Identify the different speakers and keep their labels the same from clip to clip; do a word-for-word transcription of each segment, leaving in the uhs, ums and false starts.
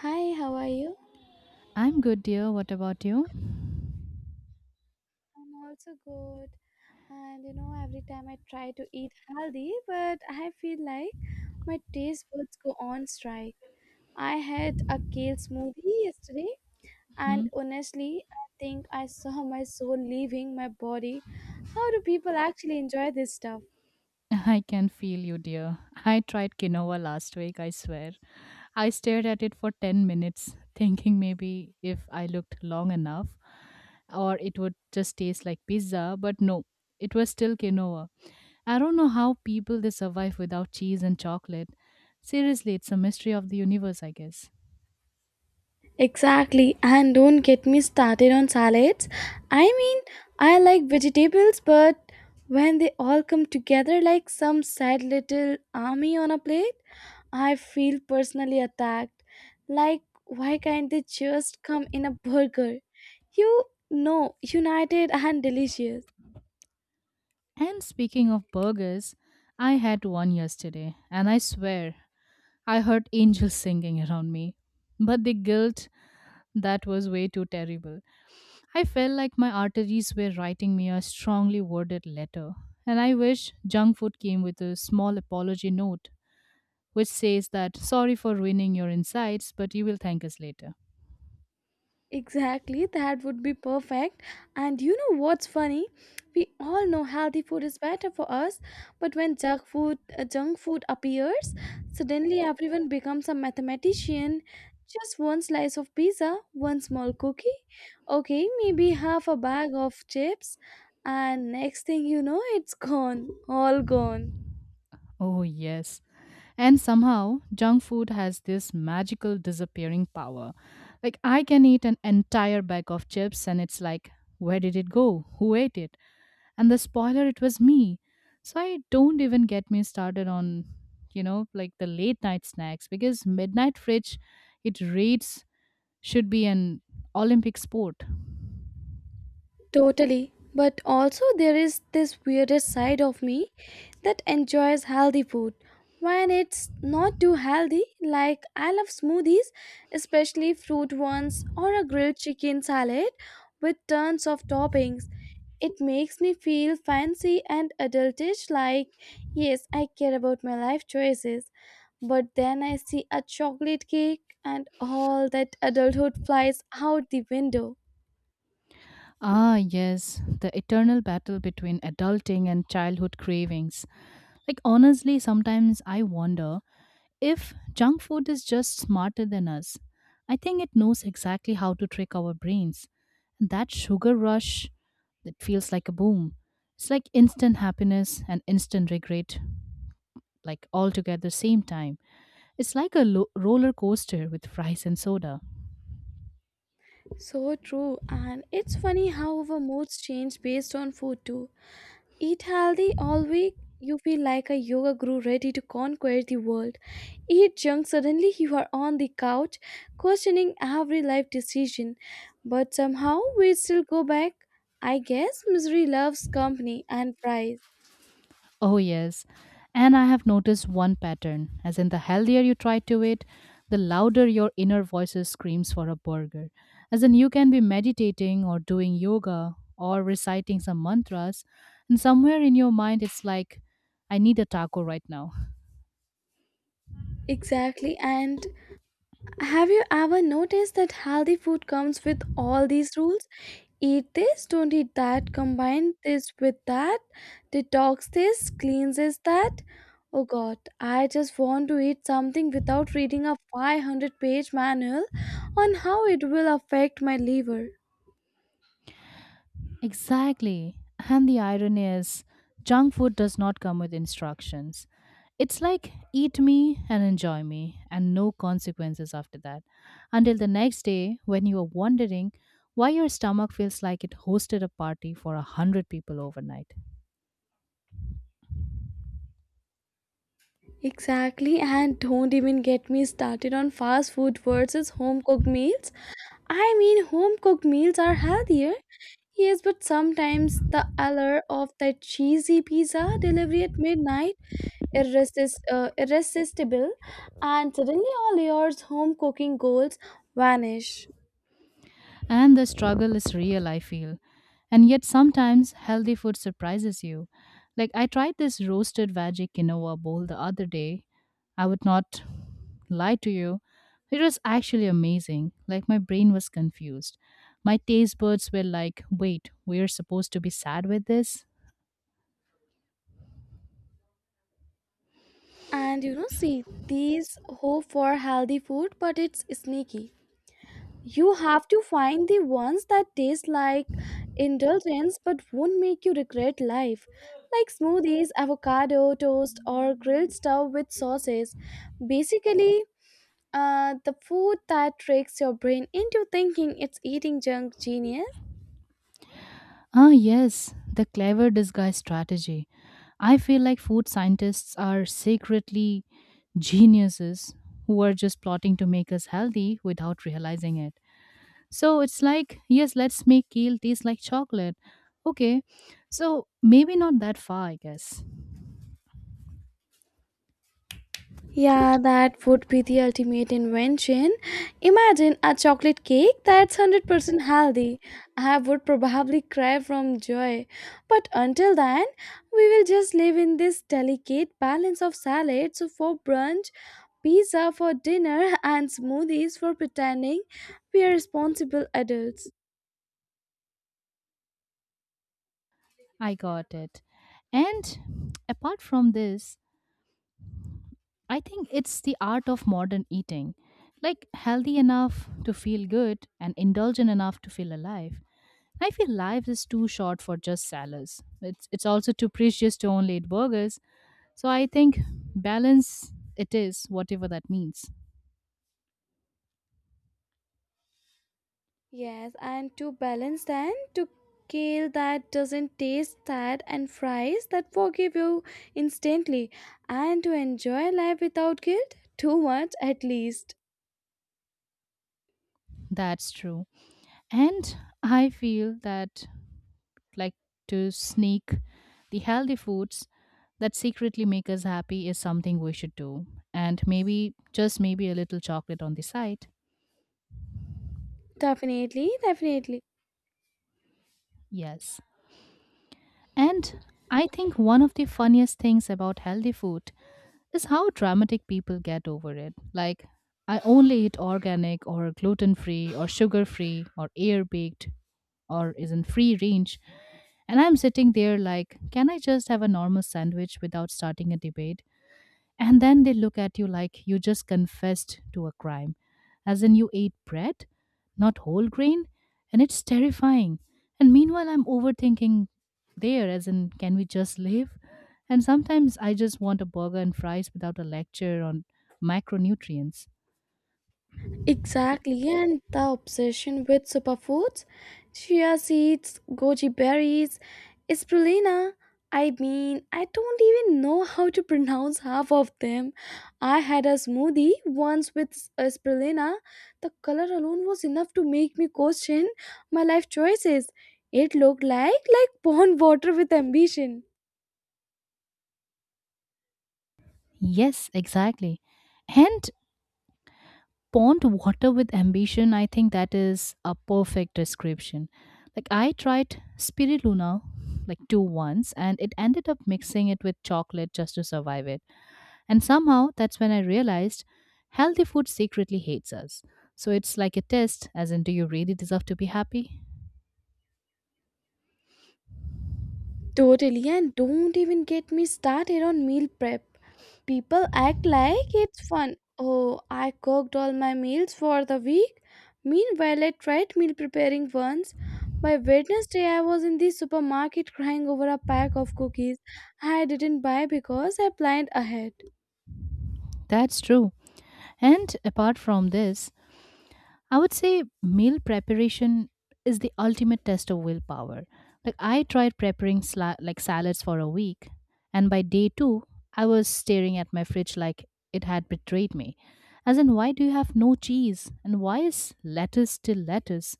Speaker 1: Hi, how are you?
Speaker 2: I'm good, dear. What about you?
Speaker 1: I'm also good. And you know, every time I try to eat healthy, but I feel like my taste buds go on strike. I had a kale smoothie yesterday,
Speaker 2: Hmm?
Speaker 1: and honestly, I think I saw my soul leaving my body. How do people actually enjoy this stuff?
Speaker 2: I can feel you, dear. I tried quinoa last week, I swear. I stared at it for ten minutes, thinking maybe if I looked long enough, or it would just taste like pizza, but no, it was still quinoa. I don't know how people they survive without cheese and chocolate. Seriously, it's a mystery of the universe, I guess.
Speaker 1: Exactly, and don't get me started on salads. I mean, I like vegetables, but when they all come together like some sad little army on a plate, I feel personally attacked. Like, why can't they just come in a burger? You know, united and delicious.
Speaker 2: And speaking of burgers, I had one yesterday, and I swear I heard angels singing around me. But the guilt, that was way too terrible. I felt like my arteries were writing me a strongly worded letter. And I wish junk food came with a small apology note which says that sorry for ruining your insights, but you will thank us later.
Speaker 1: Exactly, that would be perfect. And you know what's funny? We all know healthy food is better for us, but when junk food, uh, junk food appears, suddenly everyone becomes a mathematician. Just one slice of pizza, one small cookie, okay, maybe half a bag of chips, and next thing you know, it's gone, all gone.
Speaker 2: Oh, yes. And somehow, junk food has this magical disappearing power. Like, I can eat an entire bag of chips, and it's like, where did it go? Who ate it? And the spoiler, it was me. So i don't even get me started on you know like the late night snacks, because midnight fridge it rates should be an Olympic sport.
Speaker 1: Totally. But also, there is this weirdest side of me that enjoys healthy food. When it's not too healthy, like I love smoothies, especially fruit ones, or a grilled chicken salad with tons of toppings. It makes me feel fancy and adultish, like, yes, I care about my life choices. But then I see a chocolate cake, and all that adulthood flies out the window.
Speaker 2: Ah, yes, the eternal battle between adulting and childhood cravings. Like, honestly, sometimes I wonder. If junk food is just smarter than us, I think it knows exactly how to trick our brains. And that sugar rush that feels like a boom. It's like instant happiness and instant regret, like all together same time. It's like a lo- roller coaster with fries and soda.
Speaker 1: So true, and it's funny how our moods change based on food too. Eat healthy all week, you feel like a yoga guru ready to conquer the world. Eat junk, suddenly you are on the couch, questioning every life decision. But somehow we still go back. I guess misery loves company and fries.
Speaker 2: Oh, yes. And I have noticed one pattern, as in the healthier you try to eat, the louder your inner voices screams for a burger. As in you can be meditating or doing yoga or reciting some mantras, and somewhere in your mind it's like, I need a taco right now.
Speaker 1: Exactly, and have you ever noticed that healthy food comes with all these rules? Eat this, don't eat that, combine this with that, detox this, cleanses that. Oh god, I just want to eat something without reading a five hundred page manual on how it will affect my liver.
Speaker 2: Exactly. And the irony is, junk food does not come with instructions. It's like eat me and enjoy me, and no consequences after that. Until the next day, when you are wondering why your stomach feels like it hosted a party for a hundred people overnight.
Speaker 1: Exactly, and don't even get me started on fast food versus home cooked meals. I mean, home cooked meals are healthier. Yes, but sometimes the allure of that cheesy pizza delivery at midnight irresist, uh, irresistible, and suddenly all your home cooking goals vanish.
Speaker 2: And the struggle is real, I feel. And yet, sometimes healthy food surprises you. Like, I tried this roasted veggie quinoa bowl the other day. I would not lie to you. It was actually amazing. Like, my brain was confused. My taste buds were like, wait, we're supposed to be sad with this?
Speaker 1: And you know, see, these hope for healthy food, but it's sneaky. You have to find the ones that taste like indulgence but won't make you regret life, like smoothies, avocado toast, or grilled stuff with sauces. Basically, uh, the food that tricks your brain into thinking it's eating junk genius.
Speaker 2: Ah, yes, the clever disguise strategy. I feel like food scientists are secretly geniuses who are just plotting to make us healthy without realizing it. So it's like, yes, let's make kale taste like chocolate. Okay, so maybe not that far, I guess.
Speaker 1: Yeah, that would be the ultimate invention. Imagine a chocolate cake that's one hundred percent healthy. I would probably cry from joy. But until then, we will just live in this delicate balance of salads for brunch, pizza for dinner, and smoothies for pretending we are responsible adults.
Speaker 2: I got it. And apart from this, I think it's the art of modern eating, like healthy enough to feel good and indulgent enough to feel alive. I feel life is too short for just salads. It's it's also too precious to only eat burgers. So I think balance it is, whatever that means.
Speaker 1: Yes, and to balance then to kale that doesn't taste that and fries that forgive you instantly and to enjoy life without guilt too much at least.
Speaker 2: That's true. And I feel that, like, to sneak the healthy foods that secretly make us happy is something we should do. And maybe, just maybe, a little chocolate on the side.
Speaker 1: Definitely, definitely.
Speaker 2: Yes. And I think one of the funniest things about healthy food is how dramatic people get over it. Like, I only eat organic or gluten free or sugar free or air baked or is in free range. And I'm sitting there like, can I just have a normal sandwich without starting a debate? And then they look at you like you just confessed to a crime, as in you ate bread, not whole grain. And it's terrifying. And meanwhile, I'm overthinking there, as in, can we just live? And sometimes I just want a burger and fries without a lecture on micronutrients.
Speaker 1: Exactly, yeah, and the obsession with superfoods, chia seeds, goji berries, spirulina. I mean, I don't even know how to pronounce half of them. I had a smoothie once with uh, spirulina. The color alone was enough to make me question my life choices. It looked like like pond water with ambition.
Speaker 2: Yes, exactly. And pond water with ambition, I think that is a perfect description. Like, I tried spirulina like two once and it ended up mixing it with chocolate just to survive it. And somehow that's when I realized healthy food secretly hates us. So it's like a test, as in do you really deserve to be happy?
Speaker 1: Totally, and don't even get me started on meal prep. People act like it's fun. Oh, I cooked all my meals for the week. Meanwhile, I tried meal preparing once. By Wednesday, I was in the supermarket crying over a pack of cookies I didn't buy because I planned ahead.
Speaker 2: That's true. And apart from this, I would say meal preparation is the ultimate test of willpower. Like, I tried preparing sla- like salads for a week, and by day two, I was staring at my fridge like it had betrayed me. As in, why do you have no cheese, and why is lettuce still lettuce?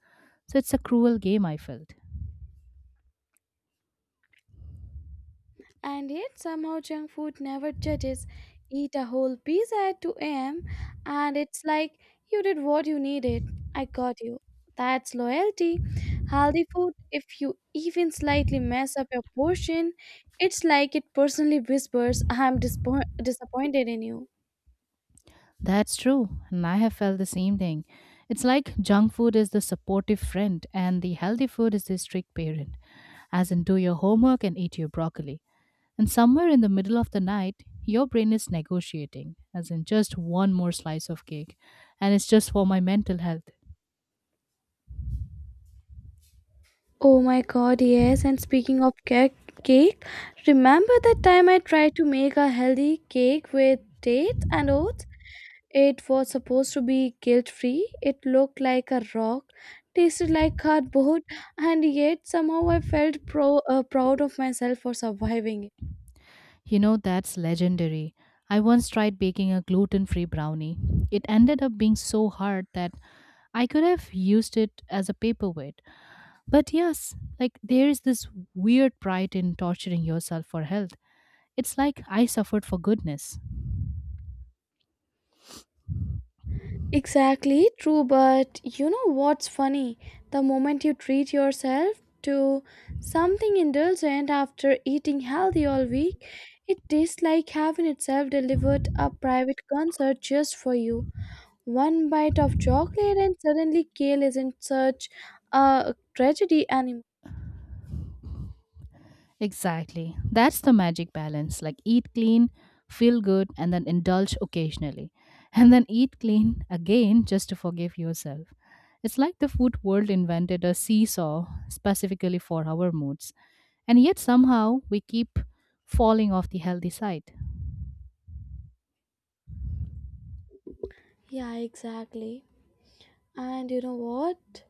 Speaker 2: So it's a cruel game, I felt.
Speaker 1: And yet, somehow, junk food never judges. Eat a whole pizza at two a m, and it's like you did what you needed. I got you. That's loyalty. Healthy food, if you even slightly mess up your portion, it's like it personally whispers, I'm dispo- disappointed in you.
Speaker 2: That's true, and I have felt the same thing. It's like junk food is the supportive friend, and the healthy food is the strict parent. As in, do your homework and eat your broccoli. And somewhere in the middle of the night, your brain is negotiating, as in just one more slice of cake, and it's just for my mental health.
Speaker 1: Oh my god, yes. And speaking of cake, cake, remember that time I tried to make a healthy cake with dates and oats? It was supposed to be guilt free. It looked like a rock, tasted like cardboard, and yet somehow I felt pro- uh, proud of myself for surviving it.
Speaker 2: You know, that's legendary. I once tried baking a gluten free brownie. It ended up being so hard that I could have used it as a paperweight. But yes, like, there is this weird pride in torturing yourself for health. It's like I suffered for goodness.
Speaker 1: Exactly, true, but you know what's funny? The moment you treat yourself to something indulgent after eating healthy all week, it tastes like heaven itself delivered a private concert just for you. One bite of chocolate and suddenly kale isn't such a tragedy anymore.
Speaker 2: Exactly. That's the magic balance. Like, eat clean, feel good, and then indulge occasionally. And then eat clean again just to forgive yourself. It's like the food world invented a seesaw specifically for our moods. And yet somehow we keep falling off the healthy side.
Speaker 1: Yeah, exactly. And you know what?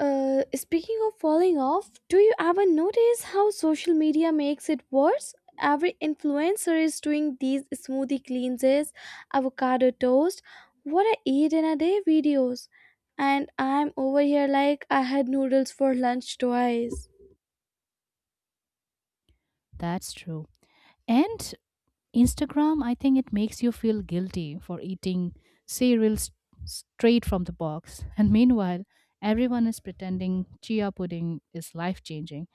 Speaker 1: Uh, speaking of falling off, do you ever notice how social media makes it worse? Every influencer is doing these smoothie cleanses, avocado toast, what I eat in a day videos. And I'm over here like I had noodles for lunch twice.
Speaker 2: That's true. And Instagram, I think it makes you feel guilty for eating cereal s- straight from the box. And meanwhile, everyone is pretending chia pudding is life changing.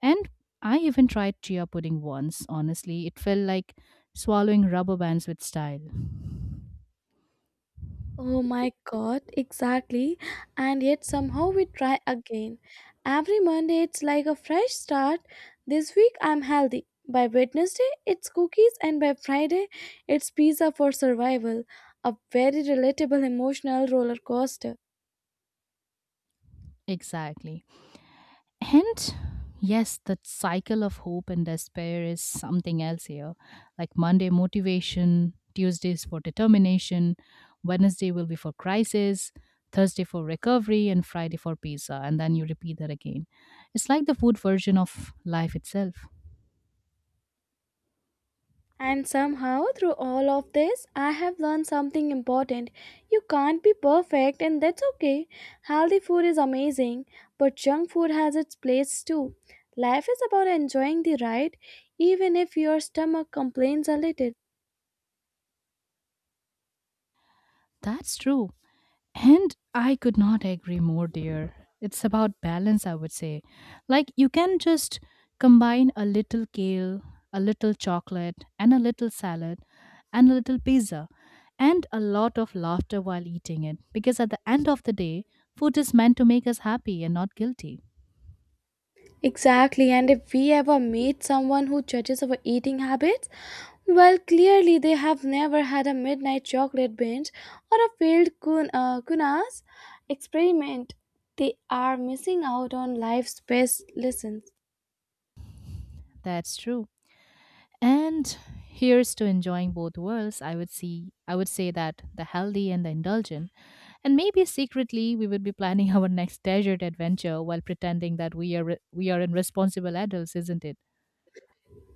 Speaker 2: And I even tried chia pudding once. Honestly, it felt like swallowing rubber bands with style.
Speaker 1: Oh my god, exactly. And yet somehow we try again. Every Monday it's like a fresh start. This week I'm healthy. By Wednesday it's cookies and by Friday it's pizza for survival. A very relatable emotional roller coaster.
Speaker 2: Exactly. And yes, that cycle of hope and despair is something else here. Like, Monday, motivation, Tuesdays for determination, Wednesday will be for crisis, Thursday for recovery, and Friday for pizza. And then you repeat that again. It's like the food version of life itself.
Speaker 1: And somehow, through all of this, I have learned something important. You can't be perfect, and that's okay. Healthy food is amazing, but junk food has its place too. Life is about enjoying the ride, even if your stomach complains a little.
Speaker 2: That's true. And I could not agree more, dear. It's about balance, I would say. Like, you can just combine a little kale, a little chocolate, and a little salad, and a little pizza, and a lot of laughter while eating it. Because at the end of the day, food is meant to make us happy and not guilty.
Speaker 1: Exactly, and if we ever meet someone who judges our eating habits, well, clearly they have never had a midnight chocolate binge or a failed kun- uh, kunas experiment. They are missing out on life's best lessons.
Speaker 2: That's true. And here's to enjoying both worlds. I would see I would say that the healthy and the indulgent. And maybe secretly we would be planning our next desert adventure while pretending that we are re- we are in responsible adults, isn't it?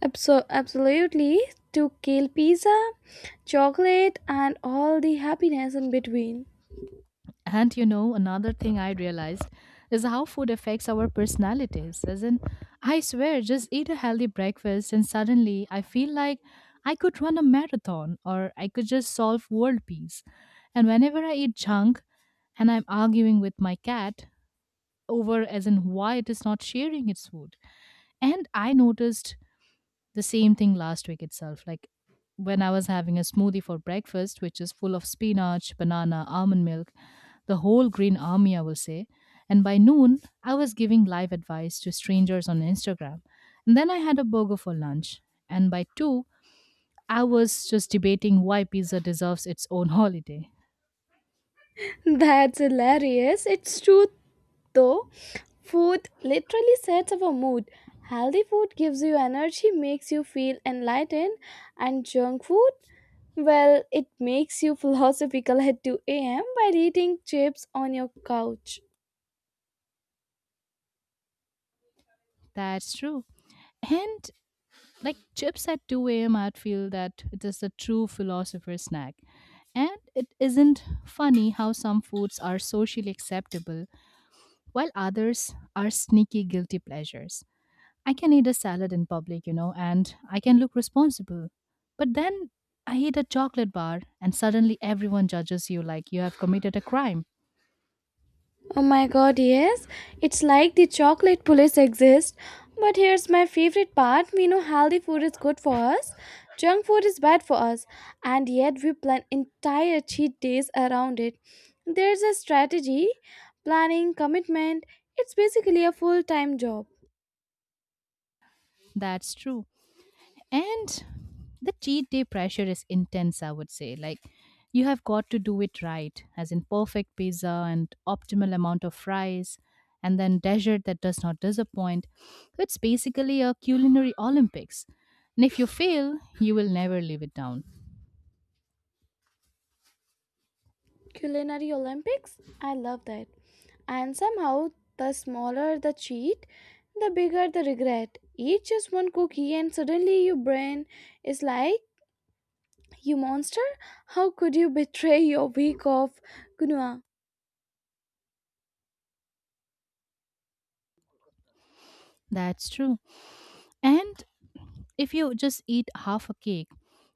Speaker 1: Abso- absolutely, to kill pizza, chocolate, and all the happiness in between.
Speaker 2: And you know, another thing I realized is how food affects our personalities. As in, I swear, just eat a healthy breakfast and suddenly I feel like I could run a marathon or I could just solve world peace. And whenever I eat junk and I'm arguing with my cat over, as in why it is not sharing its food. And I noticed the same thing last week itself. Like, when I was having a smoothie for breakfast, which is full of spinach, banana, almond milk, the whole green army, I will say. And by noon, I was giving live advice to strangers on Instagram. And then I had a burger for lunch. And by two, I was just debating why pizza deserves its own holiday.
Speaker 1: That's hilarious. It's true though food literally sets our mood, healthy food gives you energy, makes you feel enlightened, and junk food, well, it makes you philosophical at two a m by eating chips on your couch.
Speaker 2: That's true. And like chips at two a m, I'd feel that it is a true philosopher's snack. And it isn't funny how some foods are socially acceptable while others are sneaky guilty pleasures. I can eat a salad in public, you know, and I can look responsible. But then I eat a chocolate bar and suddenly everyone judges you like you have committed a crime.
Speaker 1: Oh my god, yes. It's like the chocolate police exist. But here's my favorite part we know healthy food is good for us, junk food is bad for us, and yet we plan entire cheat days around it. There's a strategy, planning, commitment. It's basically a full time job.
Speaker 2: That's true. And the cheat day pressure is intense, I would say. Like, you have got to do it right, as in perfect pizza and optimal amount of fries, and then dessert that does not disappoint. So it's basically a culinary Olympics. And if you fail, you will never live it down.
Speaker 1: Culinary Olympics? I love that. And somehow, the smaller the cheat, the bigger the regret. Eat just one cookie, and suddenly your brain is like, you monster! How could you betray your week off, Gunua?
Speaker 2: That's true. And if you just eat half a cake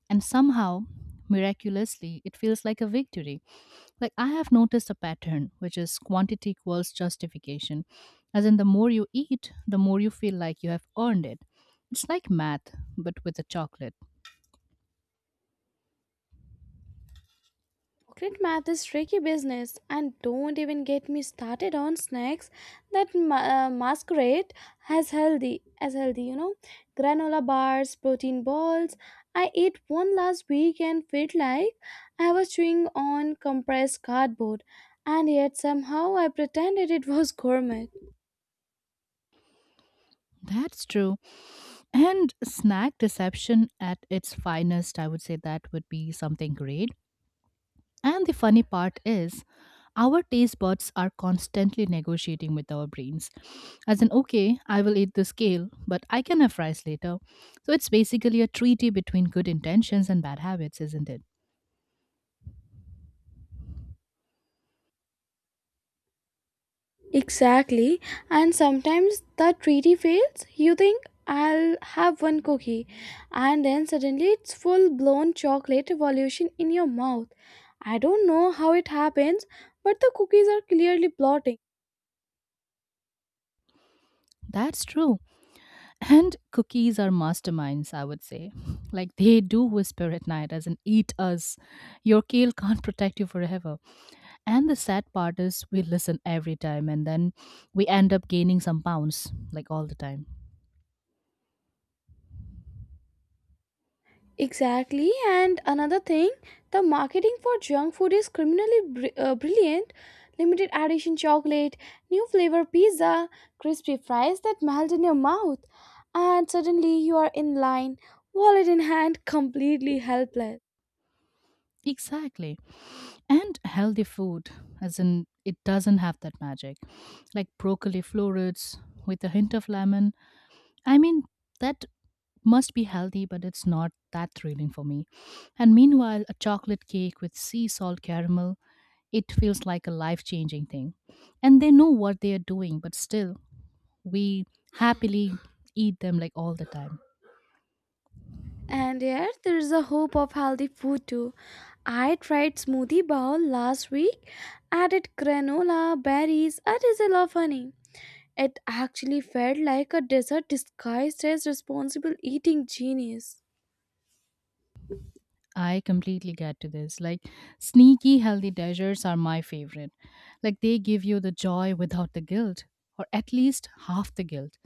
Speaker 2: and somehow, miraculously, it feels like a victory. Like, I have noticed a pattern, which is quantity equals justification. As in, the more you eat, the more you feel like you have earned it. It's like math, but with a chocolate.
Speaker 1: Pocket math is tricky business, and don't even get me started on snacks that ma- uh, masquerade as healthy as healthy. You know, granola bars, protein balls. I ate one last week and felt like I was chewing on compressed cardboard, and yet somehow I pretended it was gourmet.
Speaker 2: That's true. And snack deception at its finest, I would say that would be something great. And the funny part is, our taste buds are constantly negotiating with our brains. As in, okay, I will eat the kale, but I can have fries later. So it's basically a treaty between good intentions and bad habits, isn't it?
Speaker 1: Exactly. And sometimes the treaty fails. You think I'll have one cookie, and then suddenly it's full blown chocolate revolution in your mouth. I don't know how it happens, but the cookies are clearly plotting.
Speaker 2: That's true. And cookies are masterminds, I would say. Like, they do whisper at night, as in, eat us. Your kale can't protect you forever. And the sad part is, we listen every time and then we end up gaining some pounds, like all the time.
Speaker 1: Exactly, and another thing, the marketing for junk food is criminally br- uh, brilliant. Limited edition chocolate, new flavor pizza, crispy fries that melt in your mouth, and suddenly you are in line, wallet in hand, completely helpless.
Speaker 2: Exactly. And healthy food, as in it doesn't have that magic. Like broccoli florets with a hint of lemon. I mean, that must be healthy, but it's not that thrilling for me. And meanwhile, a chocolate cake with sea salt caramel, it feels like a life changing thing. And they know what they are doing, but still, we happily eat them like all the time.
Speaker 1: And yet, there is a hope of healthy food too. I tried smoothie bowl last week, added granola, berries, a drizzle of honey. It actually felt like a dessert disguised as responsible eating genius.
Speaker 2: I completely get to this. Like, sneaky healthy desserts are my favorite. Like, they give you the joy without the guilt, or at least half the guilt.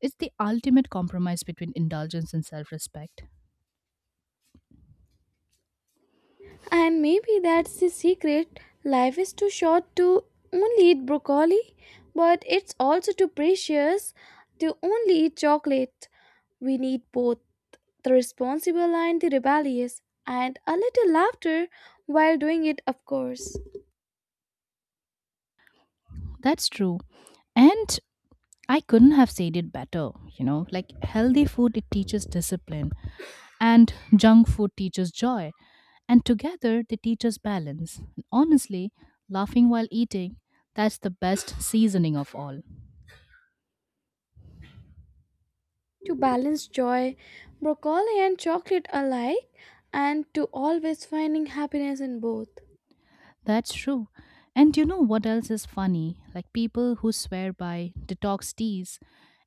Speaker 2: It's the ultimate compromise between indulgence and self respect.
Speaker 1: And maybe that's the secret. Life is too short to only eat broccoli, but it's also too precious to only eat chocolate. We need both the responsible and the rebellious, and a little laughter while doing it, of course.
Speaker 2: That's true. And I couldn't have said it better, you know. Like, healthy food, it teaches discipline, and junk food teaches joy. And together, they teach us balance. And honestly, laughing while eating, that's the best seasoning of all.
Speaker 1: To balance joy, broccoli and chocolate alike, and to always finding happiness in both.
Speaker 2: That's true. And you know what else is funny? Like people who swear by detox teas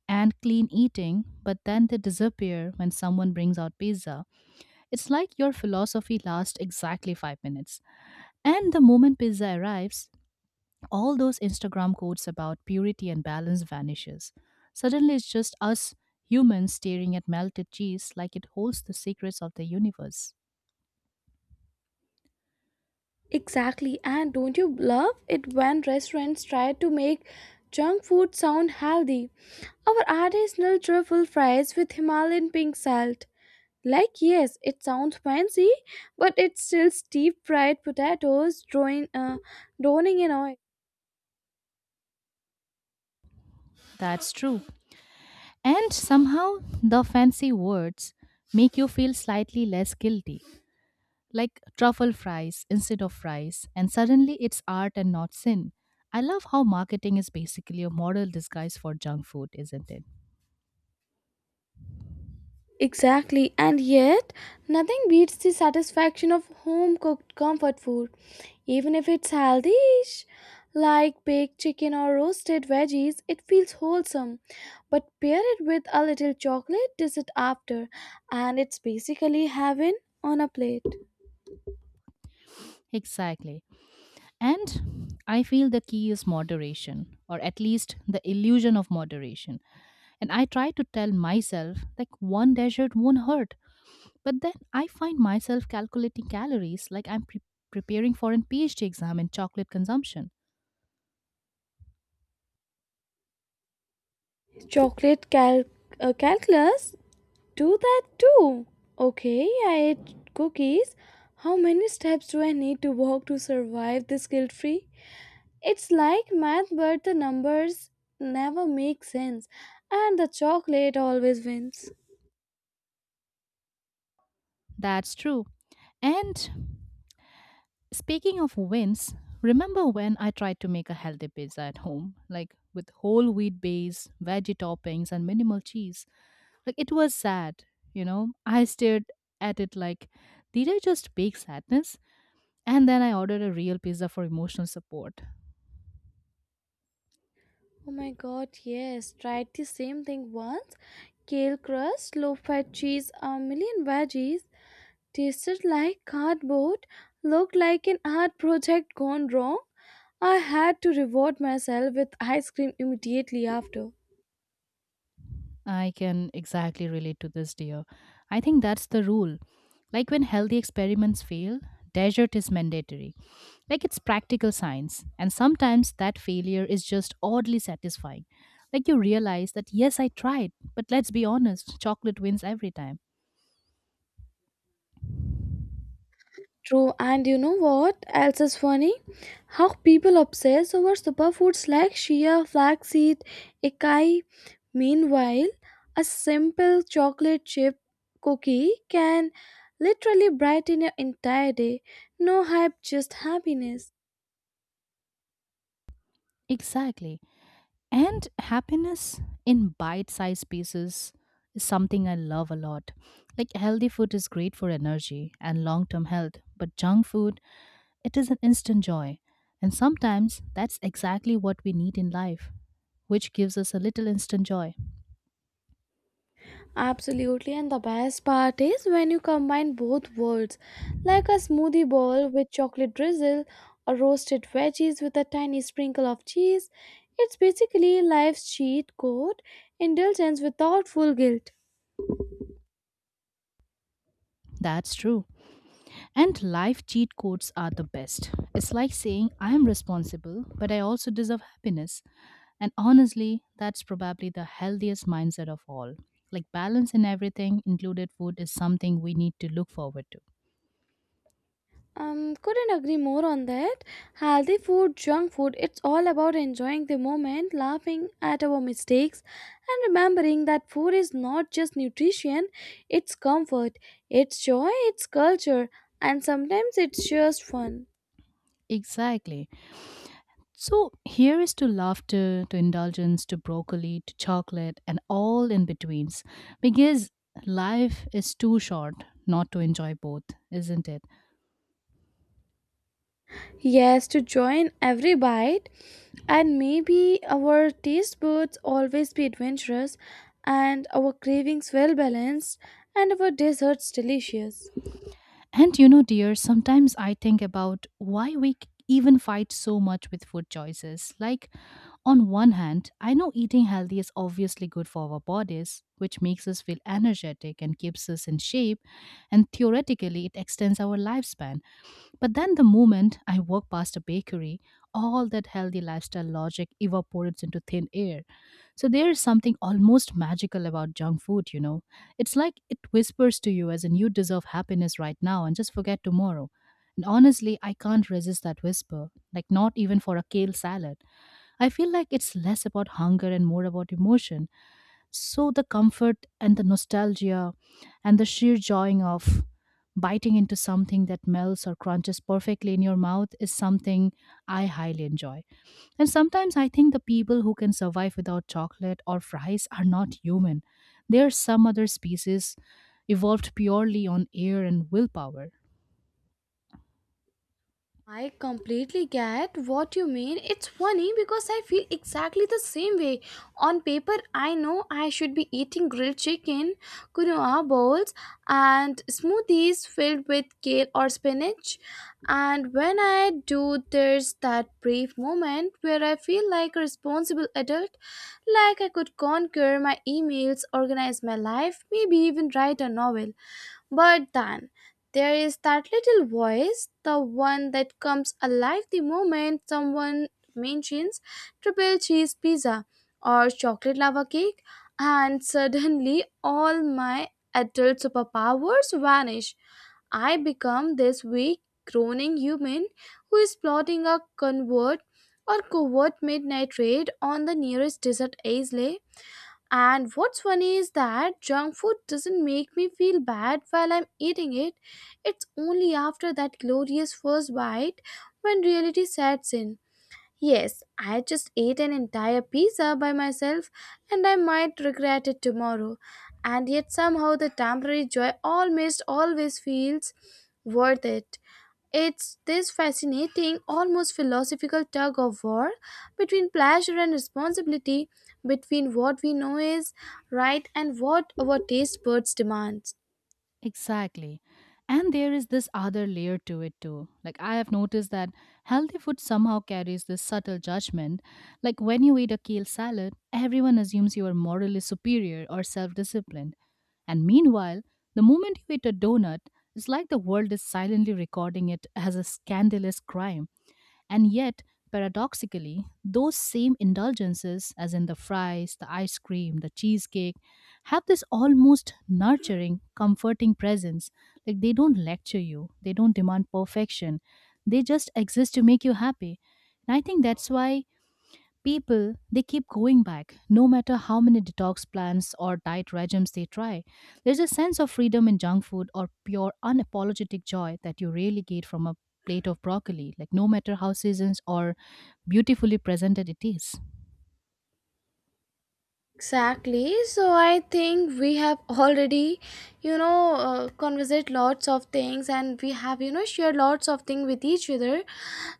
Speaker 2: and clean eating, but then they disappear when someone brings out pizza. It's like your philosophy lasts exactly five minutes. And the moment pizza arrives, all those Instagram quotes about purity and balance vanishes. Suddenly it's just us humans staring at melted cheese like it holds the secrets of the universe.
Speaker 1: Exactly, and don't you love it when restaurants try to make junk food sound healthy? Our artisanal truffle fries with Himalayan pink salt. Like, yes, it sounds fancy, but it's still deep fried potatoes drawing, uh, drowning in oil.
Speaker 2: That's true. And somehow the fancy words make you feel slightly less guilty, like truffle fries instead of fries, and suddenly it's art and not sin. I love how marketing is basically a moral disguise for junk food, isn't it?
Speaker 1: Exactly, and yet nothing beats the satisfaction of home cooked comfort food, even if it's healthy-ish, like baked chicken or roasted veggies. It feels wholesome, but pair it with a little chocolate dessert after, and it's basically heaven on a plate.
Speaker 2: Exactly. And I feel the key is moderation, or at least the illusion of moderation. And I try to tell myself like one dessert won't hurt, but then I find myself calculating calories like I'm pre- preparing for an PhD exam in chocolate consumption.
Speaker 1: Chocolate cal- uh, calculus do that too. Okay, I ate cookies. How many steps do I need to walk to survive this guilt-free? It's like math, but the numbers never make sense, and the chocolate always wins.
Speaker 2: That's true. And speaking of wins, remember when I tried to make a healthy pizza at home, like with whole wheat base, veggie toppings, and minimal cheese? Like it was sad, you know? I stared at it like, did I just bake sadness? And then I ordered a real pizza for emotional support.
Speaker 1: Oh my god, yes, tried the same thing once. Kale crust, low fat cheese, a million veggies. Tasted like cardboard, looked like an art project gone wrong. I had to reward myself with ice cream immediately after.
Speaker 2: I can exactly relate to this, dear. I think that's the rule. Like when healthy experiments fail, desert is mandatory. Like it's practical science. And sometimes that failure is just oddly satisfying. Like you realize that, yes, I tried, but let's be honest, chocolate wins every time.
Speaker 1: True, and you know what else is funny? How people obsess over superfoods like chia, flaxseed, acai. Meanwhile, a simple chocolate chip cookie can literally brighten your entire day. No hype, just happiness.
Speaker 2: Exactly. And happiness in bite sized pieces is something I love a lot. Like healthy food is great for energy and long term health, but junk food, it is an instant joy, and sometimes that's exactly what we need in life, which gives us a little instant joy.
Speaker 1: Absolutely, and the best part is when you combine both worlds, like a smoothie bowl with chocolate drizzle or roasted veggies with a tiny sprinkle of cheese. It's basically life's cheat code, indulgence without full guilt.
Speaker 2: That's true. And life cheat codes are the best. It's like saying, I am responsible, but I also deserve happiness. And honestly, that's probably the healthiest mindset of all. Like balance in everything, included food, is something we need to look forward to.
Speaker 1: Um, couldn't agree more on that. Healthy food, junk food, it's all about enjoying the moment, laughing at our mistakes, and remembering that food is not just nutrition, it's comfort, it's joy, it's culture, and sometimes it's just fun.
Speaker 2: Exactly. So here is to laughter, to indulgence, to broccoli, to chocolate, and all in betweens. Because life is too short not to enjoy both, isn't it?
Speaker 1: Yes, to join every bite, and maybe our taste buds always be adventurous, and our cravings well balanced, and our desserts delicious.
Speaker 2: And you know, dear, sometimes I think about why we c- even fight so much with food choices. Like, on one hand, I know eating healthy is obviously good for our bodies, which makes us feel energetic and keeps us in shape, and theoretically, it extends our lifespan. But then, the moment I walk past a bakery, all that healthy lifestyle logic evaporates into thin air. So, there is something almost magical about junk food, you know. It's like it whispers to you as in you deserve happiness right now and just forget tomorrow. And honestly, I can't resist that whisper, like not even for a kale salad. I feel like it's less about hunger and more about emotion. So the comfort and the nostalgia and the sheer joying of biting into something that melts or crunches perfectly in your mouth is something I highly enjoy. And sometimes I think the people who can survive without chocolate or fries are not human. They are some other species evolved purely on air and willpower.
Speaker 1: I completely get what you mean. It's funny because I feel exactly the same way. On paper, I know I should be eating grilled chicken, quinoa bowls, and smoothies filled with kale or spinach. And when I do, there's that brief moment where I feel like a responsible adult, like I could conquer my emails, organize my life, maybe even write a novel. But then there is that little voice, the one that comes alive the moment someone mentions triple cheese pizza or chocolate lava cake, and suddenly all my adult superpowers vanish. I become this weak, groaning human who is plotting a convert or covert midnight raid on the nearest desert isle, and what's funny is that junk food doesn't make me feel bad while I'm eating it. It's only after that glorious first bite when reality sets in. Yes, I just ate an entire pizza by myself and I might regret it tomorrow. And yet somehow the temporary joy almost always feels worth it. It's this fascinating, almost philosophical tug of war between pleasure and responsibility, between what we know is right and what our taste buds demand.
Speaker 2: Exactly. And there is this other layer to it too. Like, I have noticed that healthy food somehow carries this subtle judgment. Like, when you eat a kale salad, everyone assumes you are morally superior or self disciplined. And meanwhile, the moment you eat a donut, it's like the world is silently recording it as a scandalous crime. And yet, paradoxically, those same indulgences, as in the fries, the ice cream, the cheesecake, have this almost nurturing, comforting presence. Like they don't lecture you, they don't demand perfection, they just exist to make you happy. And I think that's why people, they keep going back no matter how many detox plans or diet regimes they try. There's a sense of freedom in junk food or pure unapologetic joy that you really get from a plate of broccoli, like no matter how seasons or beautifully presented it is.
Speaker 1: Exactly. So I think we have already, you know, uh, conversed lots of things and we have, you know, shared lots of things with each other.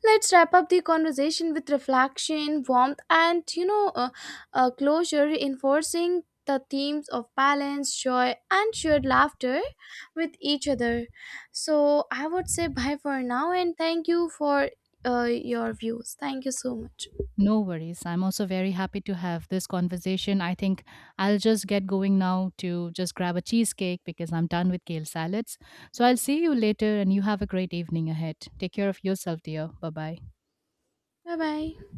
Speaker 1: Let's wrap up the conversation with reflection, warmth, and, you know, uh, uh, closure, reinforcing the themes of balance, joy, and shared laughter with each other. So I would say bye for now and thank you for uh, your views. Thank you so much.
Speaker 2: No worries. I'm also very happy to have this conversation. I think I'll just get going now to just grab a cheesecake because I'm done with kale salads. So I'll see you later and you have a great evening ahead. Take care of yourself, dear. Bye bye.
Speaker 1: Bye bye.